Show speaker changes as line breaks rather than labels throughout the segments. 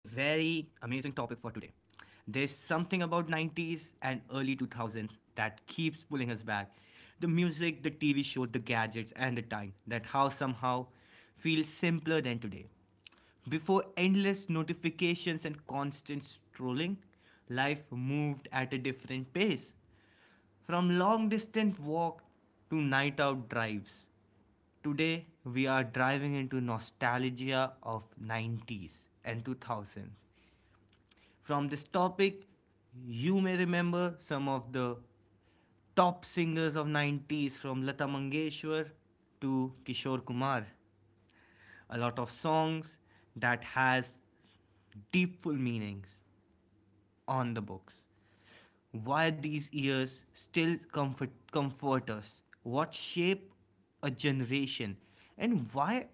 There's something about 90s and early 2000s that keeps pulling us back. The music, the TV shows, the gadgets and the time that how somehow feels simpler than today. Before endless notifications and constant strolling, life moved at a different pace. From long distance walk to night out drives. Today we are driving into nostalgia of 90s and 2000s. From this topic, you may remember some of the top singers of 90s from Lata Mangeshwar to Kishore Kumar. A lot of songs that has deepful meanings on the books. Why these years still comfort us, what shape a generation, and why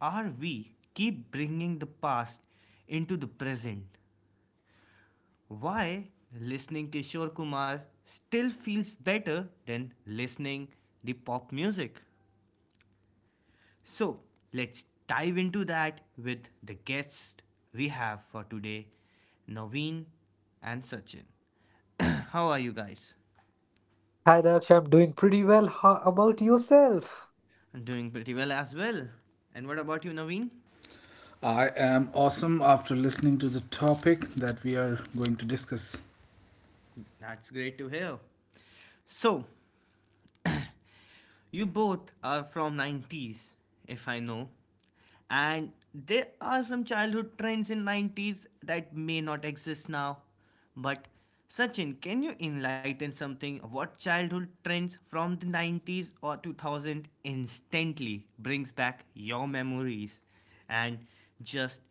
are we keep bringing the past into the present? Why listening Kishore Kumar still feels better than listening the pop music? So let's dive into that with the guests we have for today, Naveen and Sachin. How are you guys? I'm doing pretty well as well. And what about you, Naveen?
I am awesome after listening to the topic that we are going to discuss.
That's great to hear. So, you both are from 90s, if I know. And there are some childhood trends in 90s that may not exist now. But Sachin, can you enlighten something what childhood trends from the 90s or 2000 instantly brings back your memories and just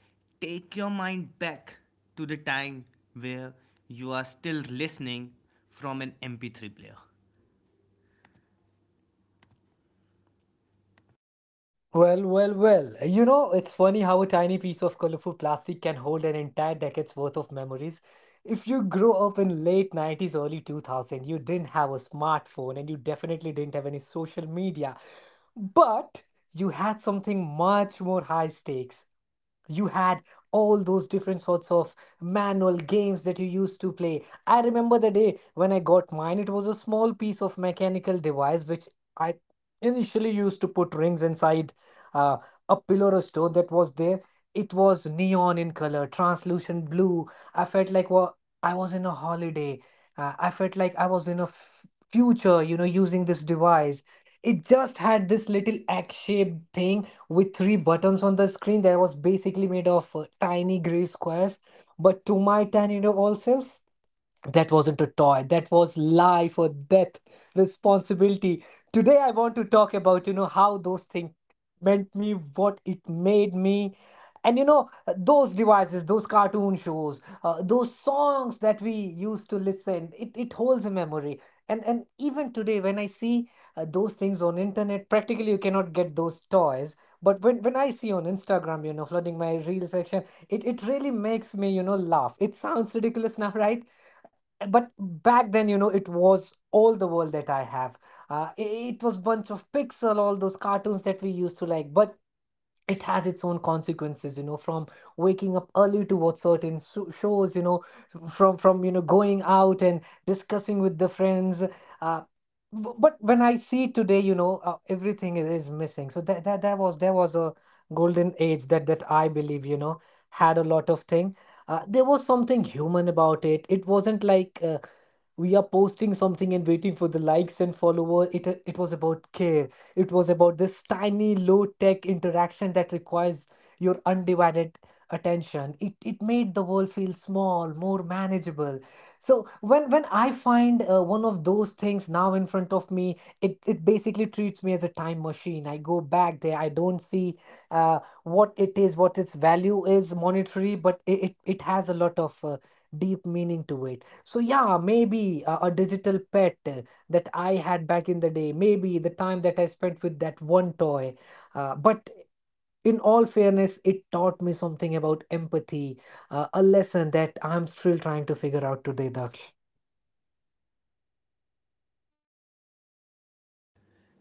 take your mind back to the time where you are still listening from an MP3 player,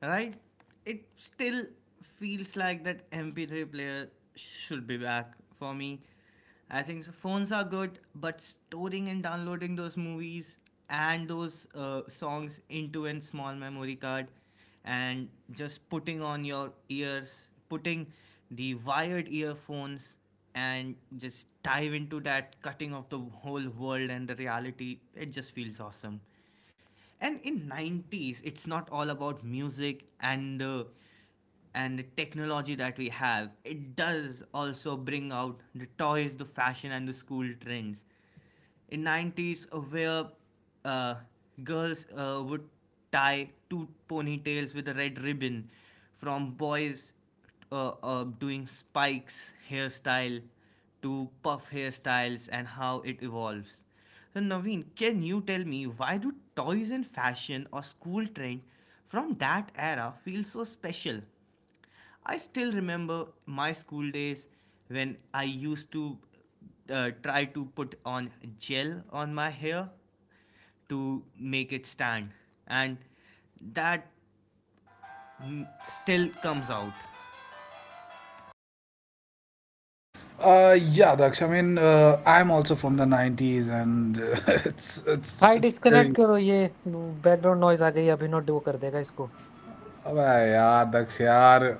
right? It still feels like that MP3 player should be back for me. I think so. Phones are good, but storing and downloading those movies and those songs into a small memory card and just putting on your ears, putting the wired earphones and just dive into that cutting of the whole world and the reality, it just feels awesome. And in 90s it's not all about music and the technology that we have. It does also bring out the toys, the fashion and the school trends in 90s, where uh, girls would tie two ponytails with a red ribbon, from boys doing spikes hairstyle to puff hairstyles and how it evolves. So Naveen, can you tell me why do toys and fashion or school trend from that era feel so special? I still remember my school days when I used to try to put on gel on my hair to make it stand and that mm, still comes out
Yeah, Daksh. I mean, I'm also from the 90s, and it's very. Oh, yaar, Daksh, yaar.